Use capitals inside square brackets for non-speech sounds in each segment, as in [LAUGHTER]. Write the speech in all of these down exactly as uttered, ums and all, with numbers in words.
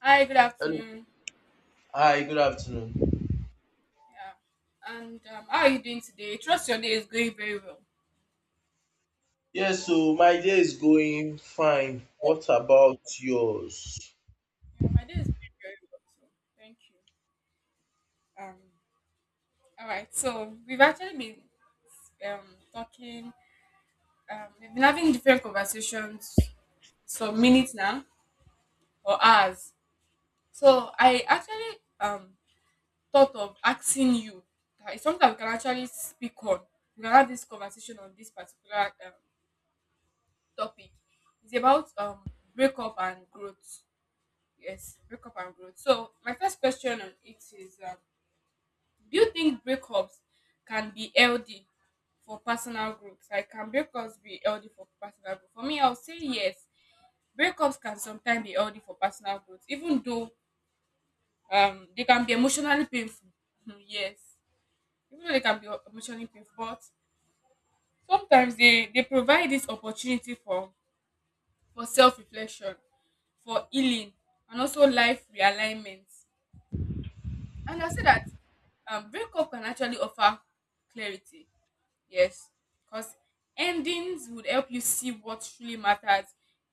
Hi, good Hello. afternoon. Hi, good afternoon. Yeah, and um, how are you doing today? Trust your day is going very well. Yes, so my day is going fine. What about yours? Yeah, my day is going very well. So thank you. Um, all right. So we've actually been um talking. Um, we've been having different conversations some minutes now or hours. So I actually um thought of asking you. That It's something that we can actually speak on. We can have this conversation on this particular um, topic. It's about um breakup and growth. Yes, breakup and growth. So my first question on it is: um, do you think breakups can be healthy for personal growth? Like, can breakups be healthy for personal growth? For me, I'll say yes. Breakups can sometimes be healthy for personal growth, even though um they can be emotionally painful. Hmm, yes, even though they can be emotionally painful, but sometimes they they provide this opportunity for for self reflection, for healing, and also life realignment. And I say that um, breakup can actually offer clarity. Yes, because endings would help you see what truly matters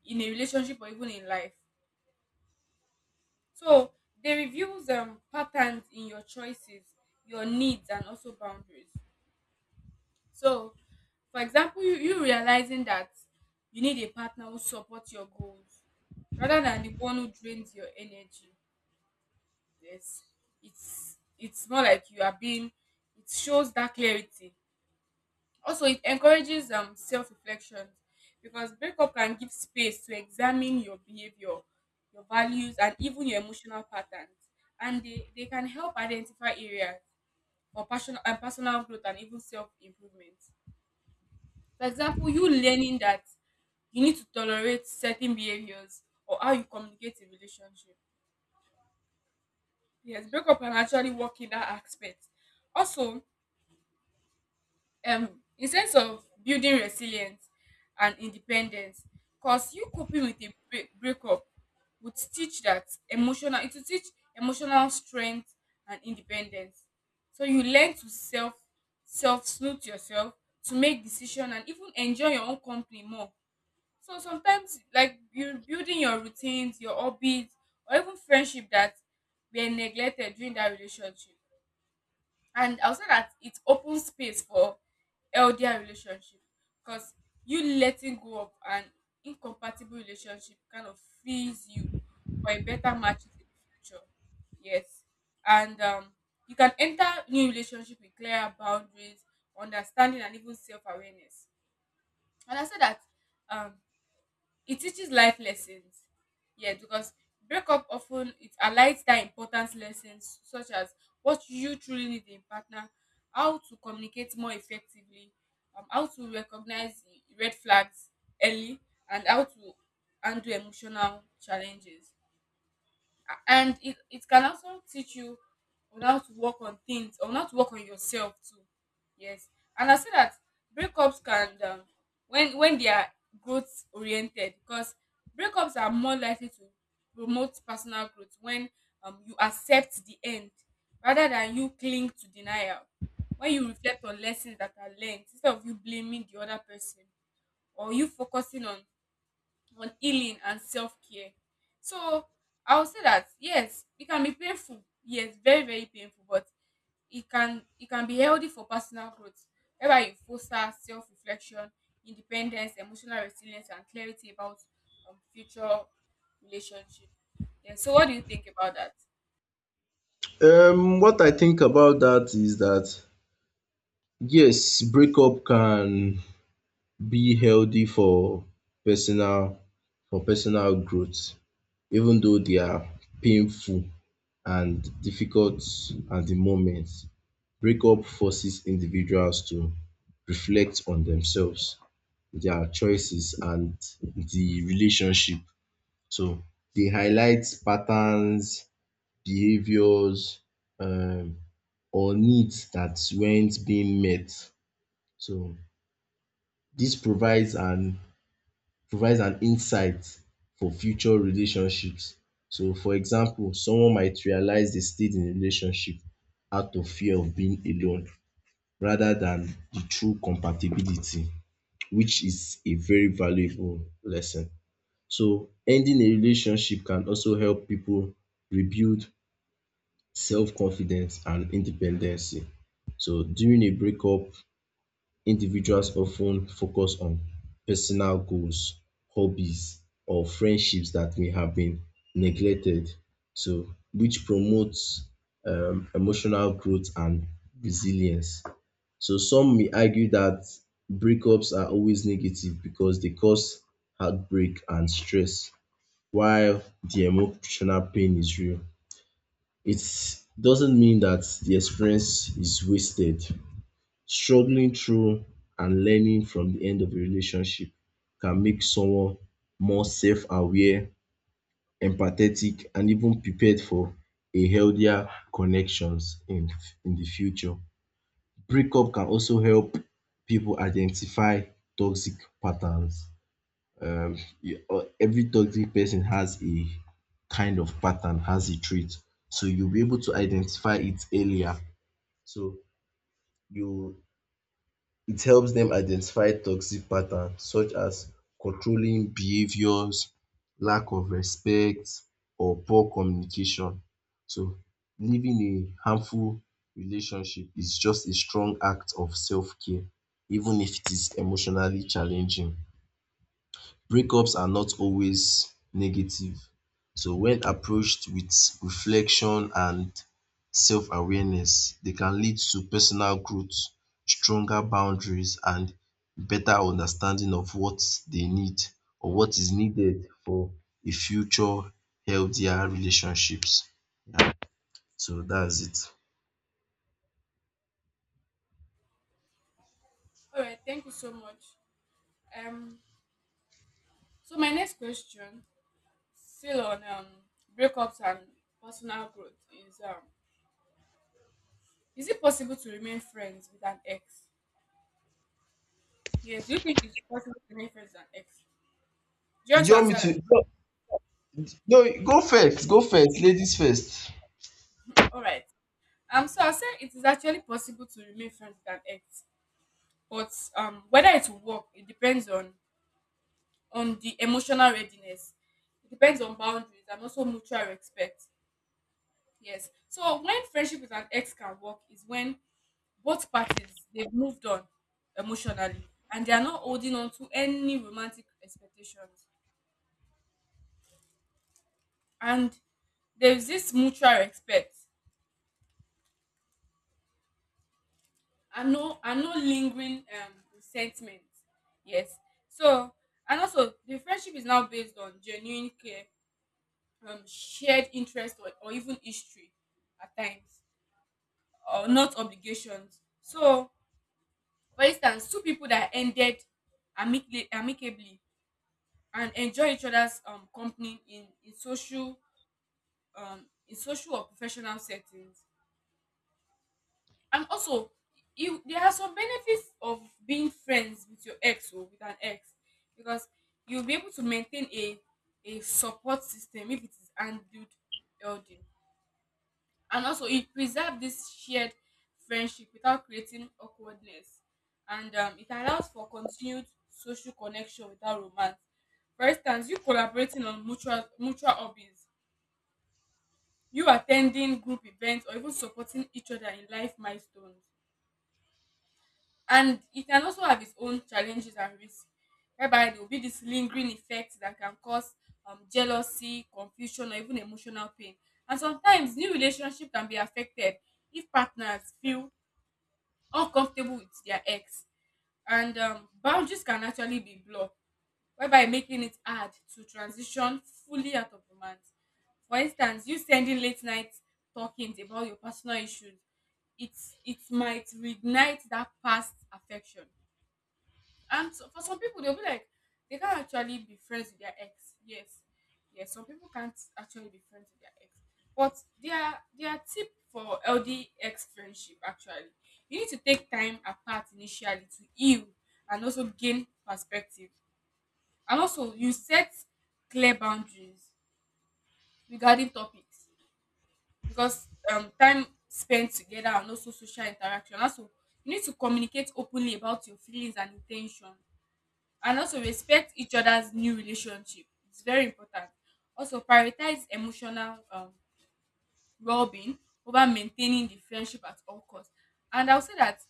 in a relationship or even in life. So they reveal um, patterns in your choices, your needs, and also boundaries. So, for example, you, you realizing that you need a partner who supports your goals rather than the one who drains your energy. Yes, it's it's more like you are being. It shows that clarity. Also, it encourages um, self reflection, because breakup can give space to examine your behavior, your values, and even your emotional patterns. And they, they can help identify areas for personal and personal growth and even self improvement. For example, you learning that you need to tolerate certain behaviors or how you communicate in relationship. Yes, breakup can actually work in that aspect. Also, um in sense of building resilience and independence, because you coping with a break, breakup would teach that emotional it will teach emotional strength and independence, so you learn to self self snoot yourself, to make decision and even enjoy your own company more. So sometimes like you are building your routines, your hobbies, or even friendship that were neglected during that relationship. And also that it opens space for healthier relationship, because you letting go of an incompatible relationship kind of frees you for a better matches in the future. Yes, and um, you can enter new relationship with clearer boundaries, understanding, and even self-awareness. And I say that um, it teaches life lessons. Yes, because breakup often it highlights that important lessons, such as what you truly need in partner, how to communicate more effectively, um, how to recognize red flags early, and how to handle emotional challenges. And it, it can also teach you on how to work on things, on how to work on yourself too. Yes, and I say that breakups can, um, when when they are growth oriented, because breakups are more likely to promote personal growth when, um, you accept the end rather than you cling to denial, when you reflect on lessons that are learned instead of you blaming the other person, or you focusing on on healing and self-care. So I would say that yes, it can be painful. Yes, very, very painful, but it can it can be healthy for personal growth. Whereby you foster self-reflection, independence, emotional resilience, and clarity about um, future relationship. Yeah, so what do you think about that? Um, what I think about that is that yes, breakup can be healthy for personal for personal growth, even though they are painful and difficult at the moment. Breakup forces individuals to reflect on themselves, their choices, and the relationship. So they highlight patterns, behaviors, um, or needs that weren't being met. So this provides an provides an insight for future relationships. So for example, someone might realize they stayed in a relationship out of fear of being alone rather than the true compatibility, which is a very valuable lesson. So ending a relationship can also help people rebuild self-confidence and independency. So during a breakup, individuals often focus on personal goals, hobbies or friendships that may have been neglected. So which promotes um emotional growth and resilience. So some may argue that breakups are always negative because they cause heartbreak and stress while the emotional pain is real. It doesn't mean that the experience is wasted. Struggling through and learning from the end of a relationship can make someone more self-aware, empathetic and even prepared for a healthier connections in in the future. Breakup can also help people identify toxic patterns. Um you- uh, every toxic person has a kind of pattern, has a trait. So you'll be able to identify it earlier, so you it helps them identify toxic patterns such as controlling behaviours, lack of respect or poor communication. So leaving a harmful relationship is just a strong act of self care even if it is emotionally challenging. Breakups are not always negative. So when approached with reflection and self-awareness, they can lead to personal growth, stronger boundaries and better understanding of what they need or what is needed for a future healthier relationships. Yeah, so that's it. All right, thank you so much. Um, so my next question, still on um, breakups and personal growth, is, um, is it possible to remain friends with an ex? Yes. Do you think it's possible to remain friends with an ex? Do you Do want you to want answer me that? to? No, no, go first. Go first. Ladies first. All right. Um. So I said it is actually possible to remain friends with an ex, but um, whether it will work, it depends on on the emotional readiness. It depends on boundaries and also mutual respect. Yes. So when friendship with an ex can work is when both parties they've moved on emotionally, and they are not holding on to any romantic expectations, and there's this mutual respect, and no and no lingering um resentment. Yes, so, and also, the friendship is now based on genuine care, um shared interest, or, or even history at times, or not obligations. So for instance, two people that ended amicably, amicably and enjoy each other's um company in in social um in social or professional settings. And also, you there are some benefits of being friends with your ex or with an ex, because you'll be able to maintain a a support system if it is handled healthy. And also, it preserve this shared friendship without creating awkwardness. And um, it allows for continued social connection without romance. For instance, you collaborating on mutual mutual hobbies, you attending group events, or even supporting each other in life milestones. And it can also have its own challenges and risks, whereby there will be this lingering effect that can cause um, jealousy, confusion, or even emotional pain. And sometimes new relationship can be affected if partners feel uncomfortable with their ex, and um, boundaries can actually be blocked, whereby making it hard to transition fully out of romance. For instance, you sending late night talkings about your personal issues, it's it might reignite that past affection. And so- for some people, they'll be like, they can't actually be friends with their ex. Yes, yes. Some people can't actually be friends with their ex. But their their tip for L D X friendship actually, you need to take time apart initially to heal, and also gain perspective. And also, you set clear boundaries regarding topics, because um time spent together and also social interaction. Also, you need to communicate openly about your feelings and intention, and also respect each other's new relationship, it's very important. Also prioritize emotional um well-being over maintaining the friendship at all costs. And I'll say that,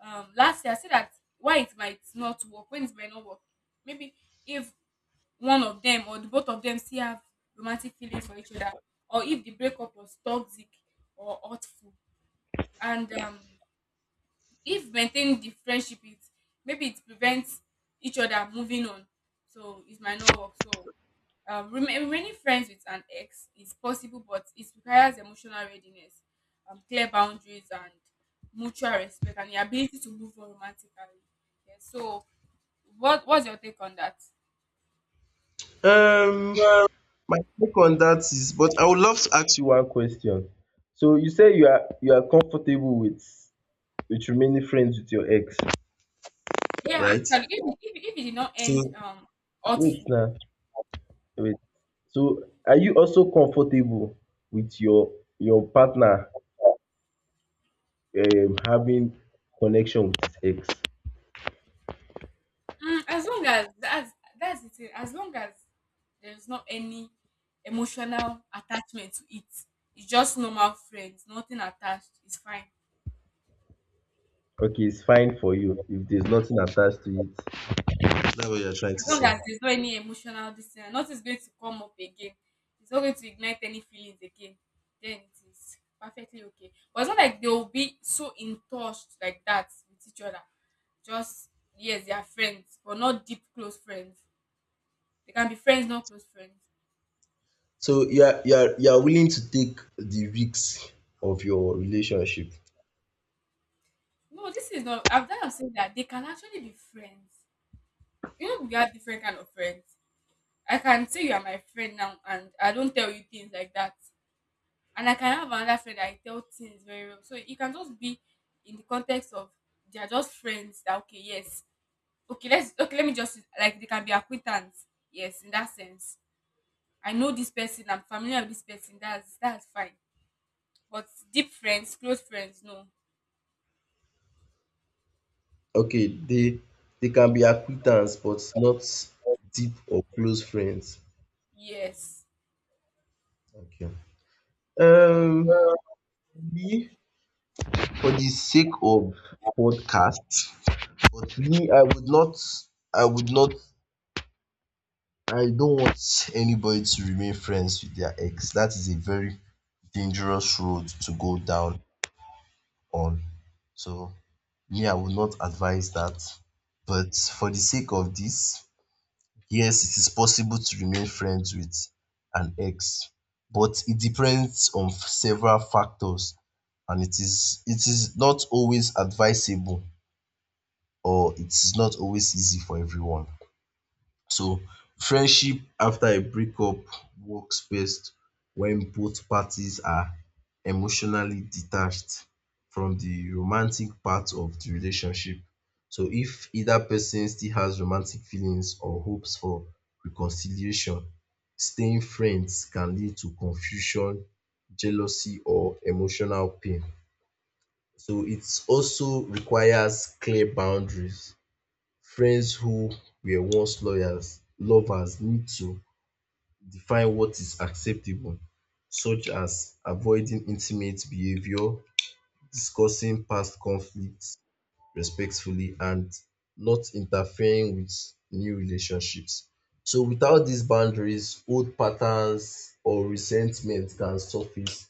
um lastly, I say that, why it might not work when it might not work, maybe if one of them or the both of them still have romantic feelings for each other, or if the breakup was toxic or hurtful. And um if maintaining the friendship, it maybe it prevents each other moving on, so it might not work. So, um, rema- remaining friends with an ex is possible, but it requires emotional readiness, um, clear boundaries and mutual respect, and the ability to move on romantically. Yes, so what what's your take on that? Um, My take on that is, but I would love to ask you one question. So you say you are you are comfortable with with remaining friends with your ex, Yeah, right? actually, if, if, if it did not end So um wait hurtful. now, wait. So are you also comfortable with your your partner um having connection with his ex? Mm, as long as that's that's the thing. As long as there's not any emotional attachment to it, it's just normal friends, nothing attached. It's fine. Okay, it's fine for you if there's nothing attached to it. That what you're trying to As long say? as there's not any emotional distance, nothing's going to come up again. It's not going to ignite any feelings again. Then it is perfectly okay. But it's not like they'll be so in touch like that with each other. Just yes, they are friends, but not deep close friends. They can be friends, not close friends. So you are you are you are willing to take the risks of your relationship. No, this is not. I've done saying that they can actually be friends. You know, we are different kind of friends. I can say you are my friend now, and I don't tell you things like that. And I can have another friend that I tell things very well. So it can just be in the context of they are just friends. That okay, yes, okay, let's okay. Let me just, like, they can be acquaintance. Yes, in that sense, I know this person. I'm familiar with this person. That's that's fine. But deep friends, close friends, no. Okay, they they can be acquaintance but not deep or close friends. Yes. Okay. Um, All Me for the sake of podcast, but me I would not I would not I don't want anybody to remain friends with their ex. That is a very dangerous road to go down on. So me I would not advise that. But for the sake of this, yes, it is possible to remain friends with an ex, but it depends on f- several factors and it is it is not always advisable or it is not always easy for everyone. So friendship after a breakup works best when both parties are emotionally detached from the romantic part of the relationship. So if either person still has romantic feelings or hopes for reconciliation, staying friends can lead to confusion, jealousy or emotional pain. So it also requires clear boundaries. Friends who were once lawyers lovers need to define what is acceptable, such as avoiding intimate behavior, discussing past conflicts respectfully, and not interfering with new relationships. So without these boundaries, old patterns or resentment can surface.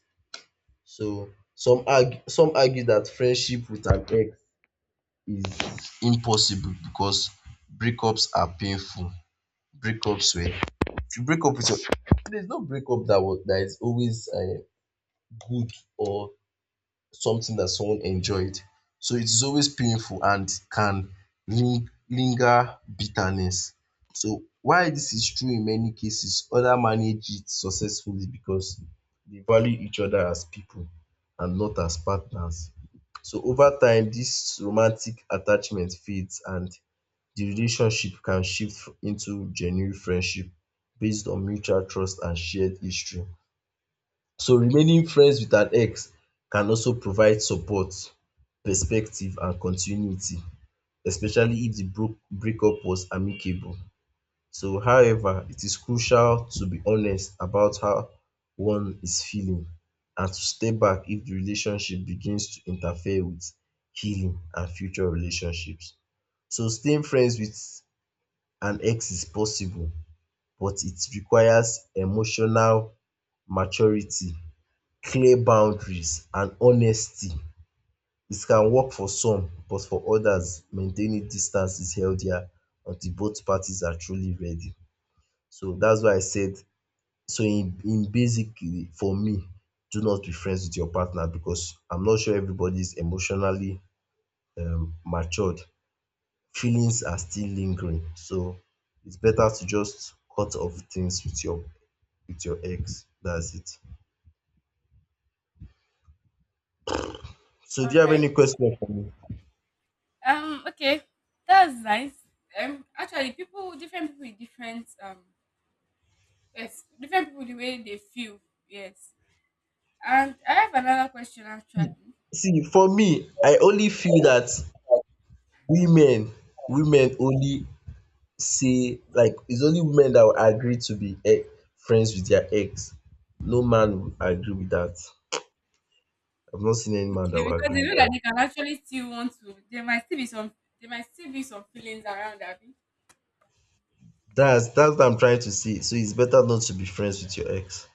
So some argue some argue that friendship with an ex is impossible because breakups are painful. Breakups, ups were if you break up with your there's no breakup that was that is always uh, good or something that someone enjoyed. So it is always painful and can ling- linger bitterness. So while this is true in many cases, others manage it successfully because they value each other as people and not as partners. So over time this romantic attachment fades and the relationship can shift into genuine friendship based on mutual trust and shared history. So remaining friends with an ex can also provide support, perspective and continuity, especially if di broke breakup was amicable. So however, it is crucial to be honest about how one is feeling and to step back if the relationship begins to interfere with healing and future relationships. So staying friends with and X is possible, but it requires emotional maturity, clear boundaries, and honesty. It can work for some, but for others, maintaining distance is healthier until both parties are truly ready. So that's why I said, so in in basically, for me, do not be friends with your partner because I'm not sure everybody is emotionally um matured. Feelings are still lingering. So it's better to just cut off things with your with your ex. That's it. So do you have right. any question for me? Um, okay, that's nice. Um, actually, people, different people with different, um, yes, different people the way they feel, yes. And I have another question actually. See, for me, I only feel that women, women only, say like it's only women that will agree to be e friends with their ex. No man will agree with that. I've not seen any man that Okay, will because agree they with know that they that. can actually still want to, there might still be some, there might still be some feelings around that. That's that's what I'm trying to say. So it's better not to be friends with your ex.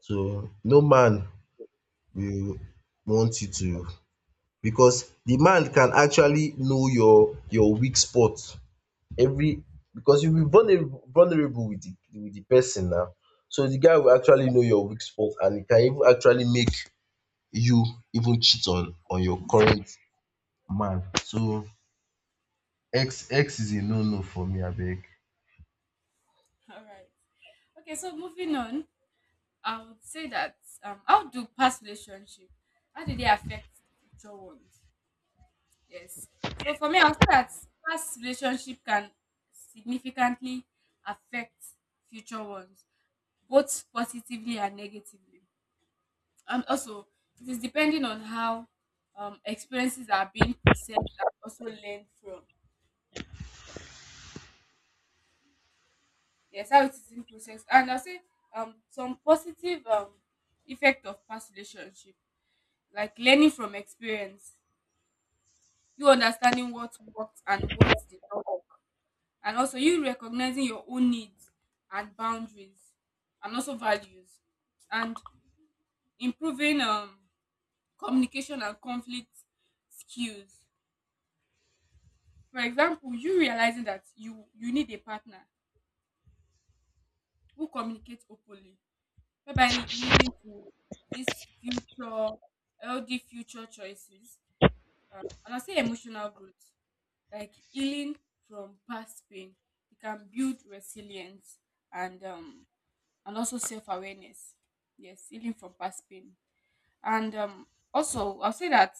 So no man will want you to, because the man can actually know your your weak spot. Every Because you will be vulnerable vulnerable with the with the person now. So the guy will actually know your weak spot and it can even actually make you even cheat on on your current man. So X X is a no no for me abeg. All right. Okay, so moving on, I would say that, um, how do past relationship, how do they affect future ones? Yes. So for me, I'll say that past relationship can significantly affect future ones, both positively and negatively. And also, it is depending on how, um, experiences are being processed and also learned from. Yes, how it is being processed. And I'll say um, some positive um, effect of past relationship, like learning from experience, you understanding what worked and what did, and also you recognizing your own needs and boundaries and also values, and improving um, communication and conflict skills. For example, you realizing that you you need a partner who communicates openly, whereby leading to this future healthy future choices. um, and I say emotional growth, like healing from past pain, it can build resilience, and um and also self awareness. Yes, healing from past pain. And um, also, I'll say that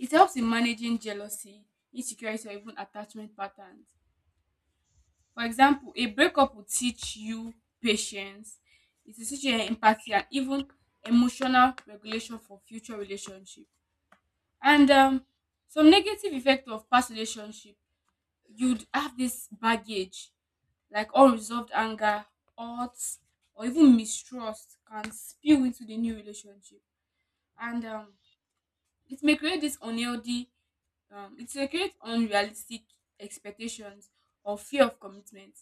it helps in managing jealousy, insecurity, or even attachment patterns. For example, a breakup will teach you patience, it will teach you empathy, and even emotional regulation for future relationship. And um, Some negative effect of past relationship, you'd have this baggage like unresolved anger, odds, or even mistrust can spill into the new relationship, and um, it may create this unhealthy, um, it may create unrealistic expectations or fear of commitment.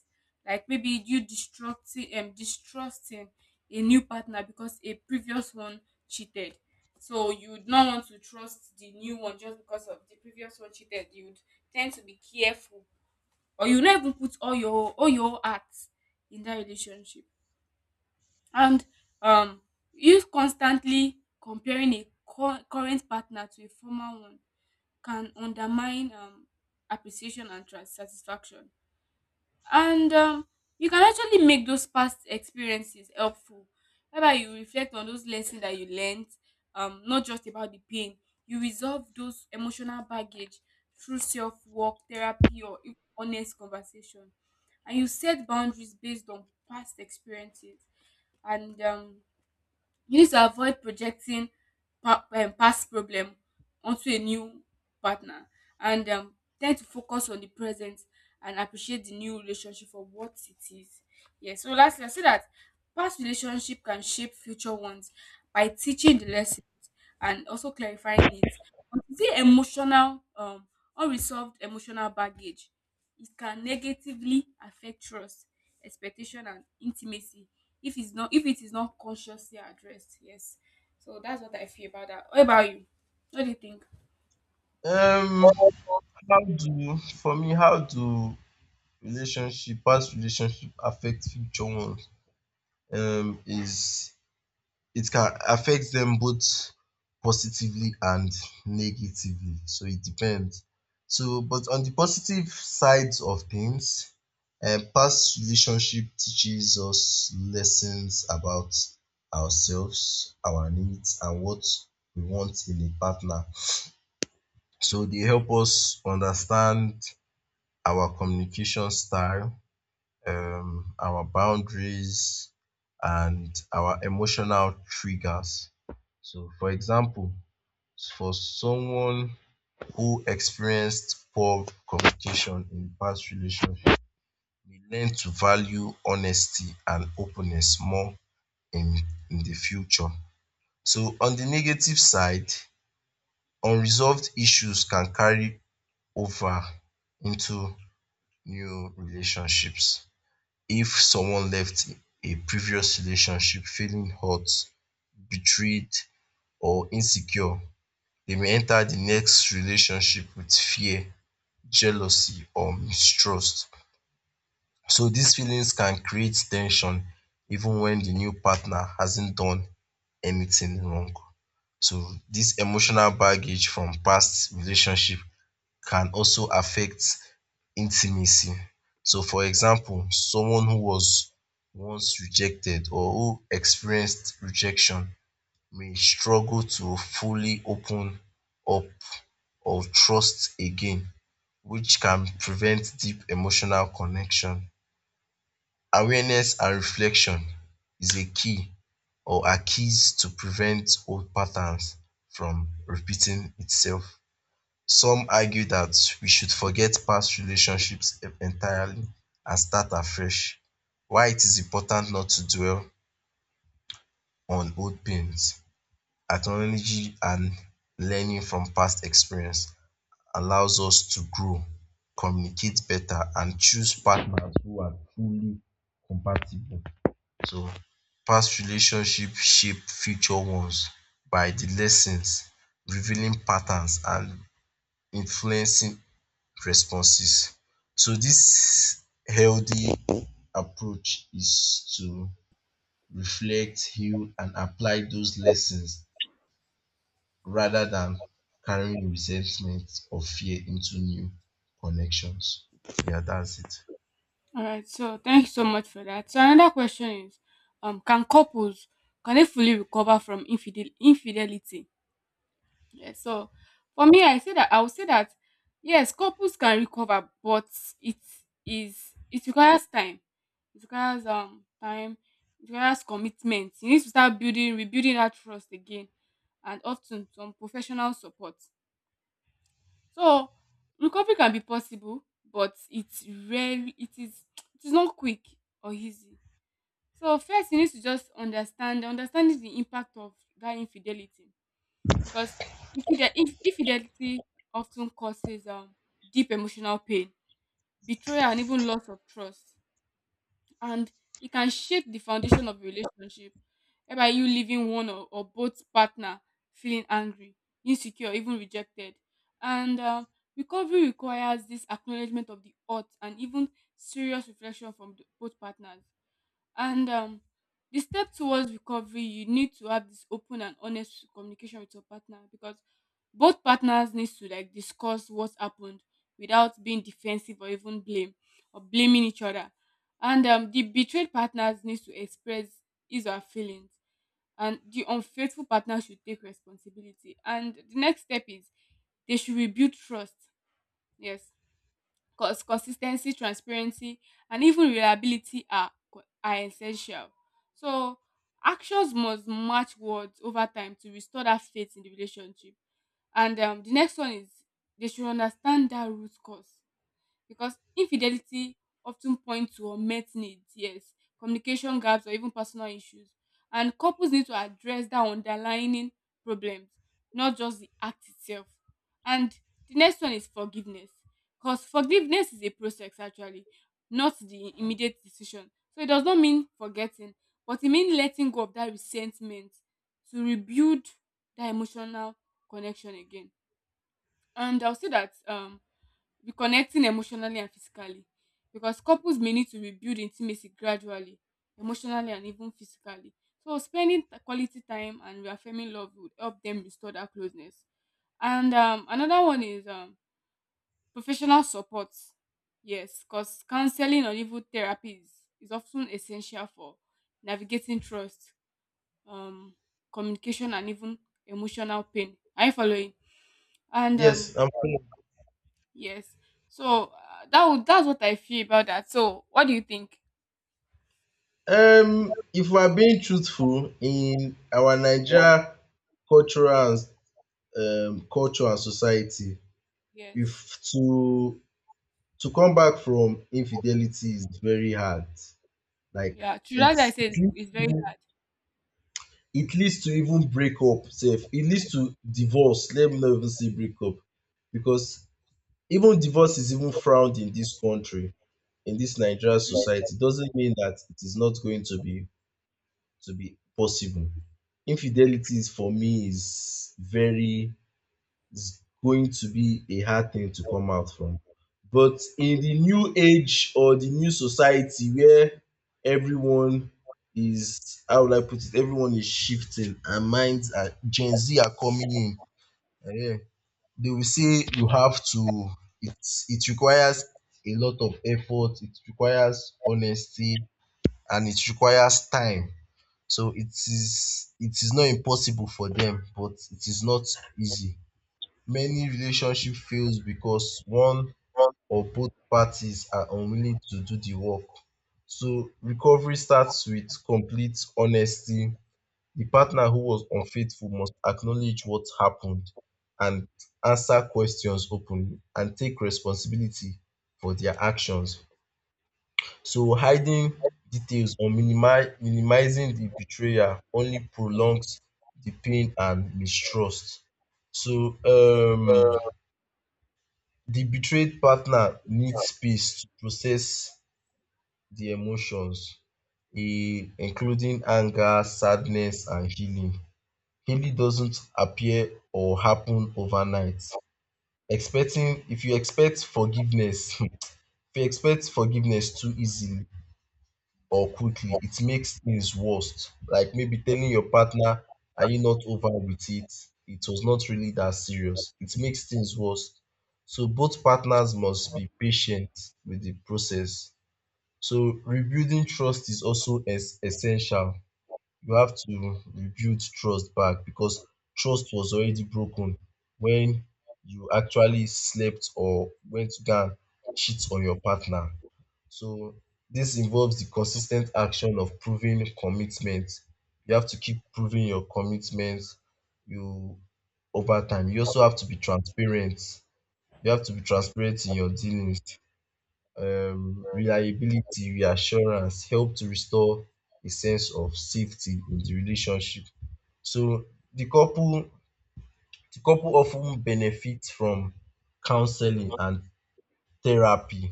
Like maybe you distrusting, um, distrusting a new partner because a previous one cheated. So you would not want to trust the new one just because of the previous one cheated. You would tend to be careful or you not even put all your all your whole heart in that relationship and um if constantly comparing a cur current partner to a former one can undermine um appreciation and tra- satisfaction. And um, You can actually make those past experiences helpful whereby you reflect on those lessons that you learned, um, not just about the pain. You resolve those emotional baggage through self-work therapy or even honest conversation, and you set boundaries based on past experiences, and um, you need to avoid projecting pa- um, past problem onto a new partner, and um, tend to focus on the present and appreciate the new relationship for what it is. Yeah, so lastly, I say that past relationship can shape future ones by teaching the lessons and also clarifying it, is it emotional um unresolved emotional baggage? It can negatively affect trust, expectation and intimacy if it's not if it is not consciously addressed. Yes. So that's what I feel about that. What about you? What do you think? Um All how do for me how do relationship past relationship affect future ones? um is It can affect them both positively and negatively. So it depends. So but on the positive sides of things, um past relationship teaches us lessons about ourselves, our needs and what we want in a partner. So they help us understand our communication style, um, our boundaries and our emotional triggers. So, for example, for someone who experienced poor communication in past relationship may learn to value honesty and openness more in in the future. So, on the negative side, unresolved issues can carry over into new relationships. If someone left a previous relationship feeling hurt, betrayed or insecure, dem may enter the next relationship with fear, jealousy or mistrust. So these feelings can create ten sion even when the new partner hasn't done anything wrong. So this emotional baggage from past relationship can also affect intimacy. So for example, someone who was once rejected or who experienced rejection may struggle to fully open up or trust again, which can prevent deep emotional connection. Awareness and reflection is a key or are keys to prevent old patterns from repeating itself. Some argue that we should forget past relationships entirely and start afresh, while it is important not to dwell on old pains. Acknowledging and learning from past experience allows us to grow, communicate better, and choose partners who are truly compatible. So, past relationships shape future ones by the lessons, revealing patterns, and influencing responses. So this healthy approach is to reflect, heal, and apply those lessons rather than carrying resentment or fear into new connections. Yeah, that's it. right, so thank you so much for that. So another question is, um, can couples can they fully recover from infidel infidelity? Yes, so for me, I say that I would say that yes, couples can recover, but it is it requires time. It requires um time. It requires commitment. You need to start building, rebuilding that trust again, and often some professional support. So recovery can be possible, but it's rarely it is it is not quick or easy. So first, you need to just understand understanding the impact of that infidelity because infide- inf- infidelity often causes um, deep emotional pain, betrayal, and even loss of trust. And it can shake the foundation of a relationship, whereby you leaving one or, or both partner feeling angry, insecure, even rejected. And um, Recovery requires this acknowledgement of the hurt and even serious reflection from the, both partners. And um, The step towards recovery, you need to have this open and honest communication with your partner because both partners need to like discuss what happened without being defensive or even blame or blaming each other. And um, The betrayed partners needs to express his or her feelings, and the unfaithful partner should take responsibility. And the next step is they should rebuild trust. Yes, Cause consistency, transparency, and even reliability are co- are essential. So actions must match words over time to restore that faith in the relationship. And um, The next one is they should understand that root cause because infidelity often points to unmet needs, yes, communication gaps, or even personal issues. And couples need to address that underlying problems, not just the act itself. And the next one is forgiveness, because forgiveness is a process actually, not the immediate decision. So it does not mean forgetting, but it means letting go of that resentment to rebuild that emotional connection again. And I'll say that um, reconnecting emotionally and physically because couples may need to rebuild intimacy gradually, emotionally and even physically. So spending t- quality time and reaffirming love would help them restore that closeness. And um, another one is um, professional support. Yes, because counseling or even therapy is, is often essential for navigating trust, um, communication, and even emotional pain. Are you following? And Yes, um, I'm cool. Yes. So uh, that would, that's what I feel about that. So what do you think? Um, if we're being truthful, in our Nigeria cultural and, um, culture and society, Yes. if to to come back from infidelity is very hard. Like Yeah. To that I it's said it's very. it leads to even break up sef. It leads to divorce. Let me not even say break up because even divorce is even frowned in this country, in this Nigerian society. Doesn't mean that it is not going to be to be possible. Infidelity is, for me, is very, is going to be a hard thing to come out from. But in the new age or the new society where everyone is, how would I put it, everyone is shifting and minds are, Gen Z are coming in. Yeah. They will say you have to, it's, it requires a lot of effort, it requires honesty, and it requires time. So it is it is not impossible for them, but it is not easy. Many relationship fails because one or both parties are unwilling to do the work. So recovery starts with complete honesty. The partner who was unfaithful must acknowledge what happened and answer questions openly and take responsibility for their actions. So hiding details or minimi minimizing the betrayal only prolongs the pain and mistrust. So um the betrayed partner needs space to process the emotions, eh, including anger, sadness and healing. Healing doesn't appear or happen overnight. Expecting If you expect forgiveness, [LAUGHS] if you expect forgiveness too easily or quickly, it makes things worse. Like maybe telling your partner, are you not over with it? It was not really that serious. It makes things worse. So both partners must be patient with the process. So rebuilding trust is also es- essential. You have to rebuild trust back because trust was already broken when you actually slept or went to go and cheat on your partner. So this involves the consistent action of proving commitment. You have to keep proving your commitment, you over time. You also have to be transparent. You have to be transparent in your dealings. Um, reliability, reassurance help to restore a sense of safety in the relationship. So the couple the couple often benefit from counseling and therapy,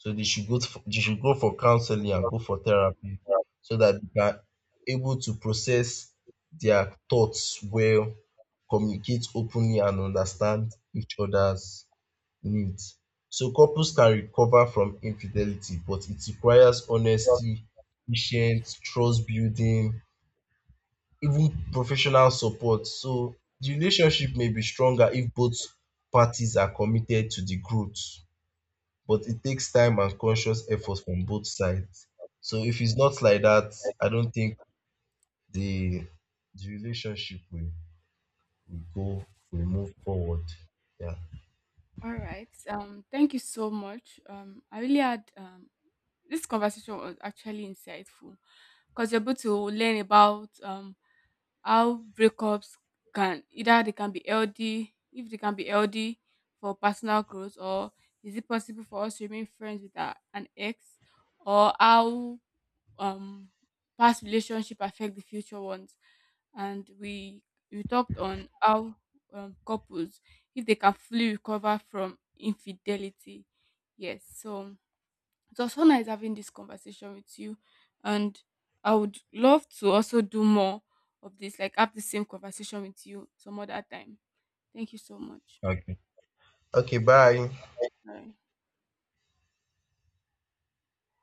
so they should go for, they should go for counseling and go for therapy Right. so that they are able to process their thoughts well, communicate openly and understand each other's needs. So couples can recover from infidelity, but it requires honesty, patience, trust building, even professional support. So the relationship may be stronger if both parties are committed to the growth, but it takes time and conscious effort from both sides. So if it's not like that, I don't think the the relationship will, will go will move forward. Yeah. All right. Um, thank you so much. Um, I really had um, this conversation was actually insightful because you're able to learn about um how breakups can either they can be healthy, if they can be healthy for personal growth, or is it possible for us to remain friends with our, an ex, or how um past relationship affect the future ones, and we we talked on how um, couples if they can fully recover from infidelity. Yes, so it was so nice having this conversation with you, and I would love to also do more of this, like have the same conversation with you some other time. Thank you so much. Okay. Okay, bye. Bye.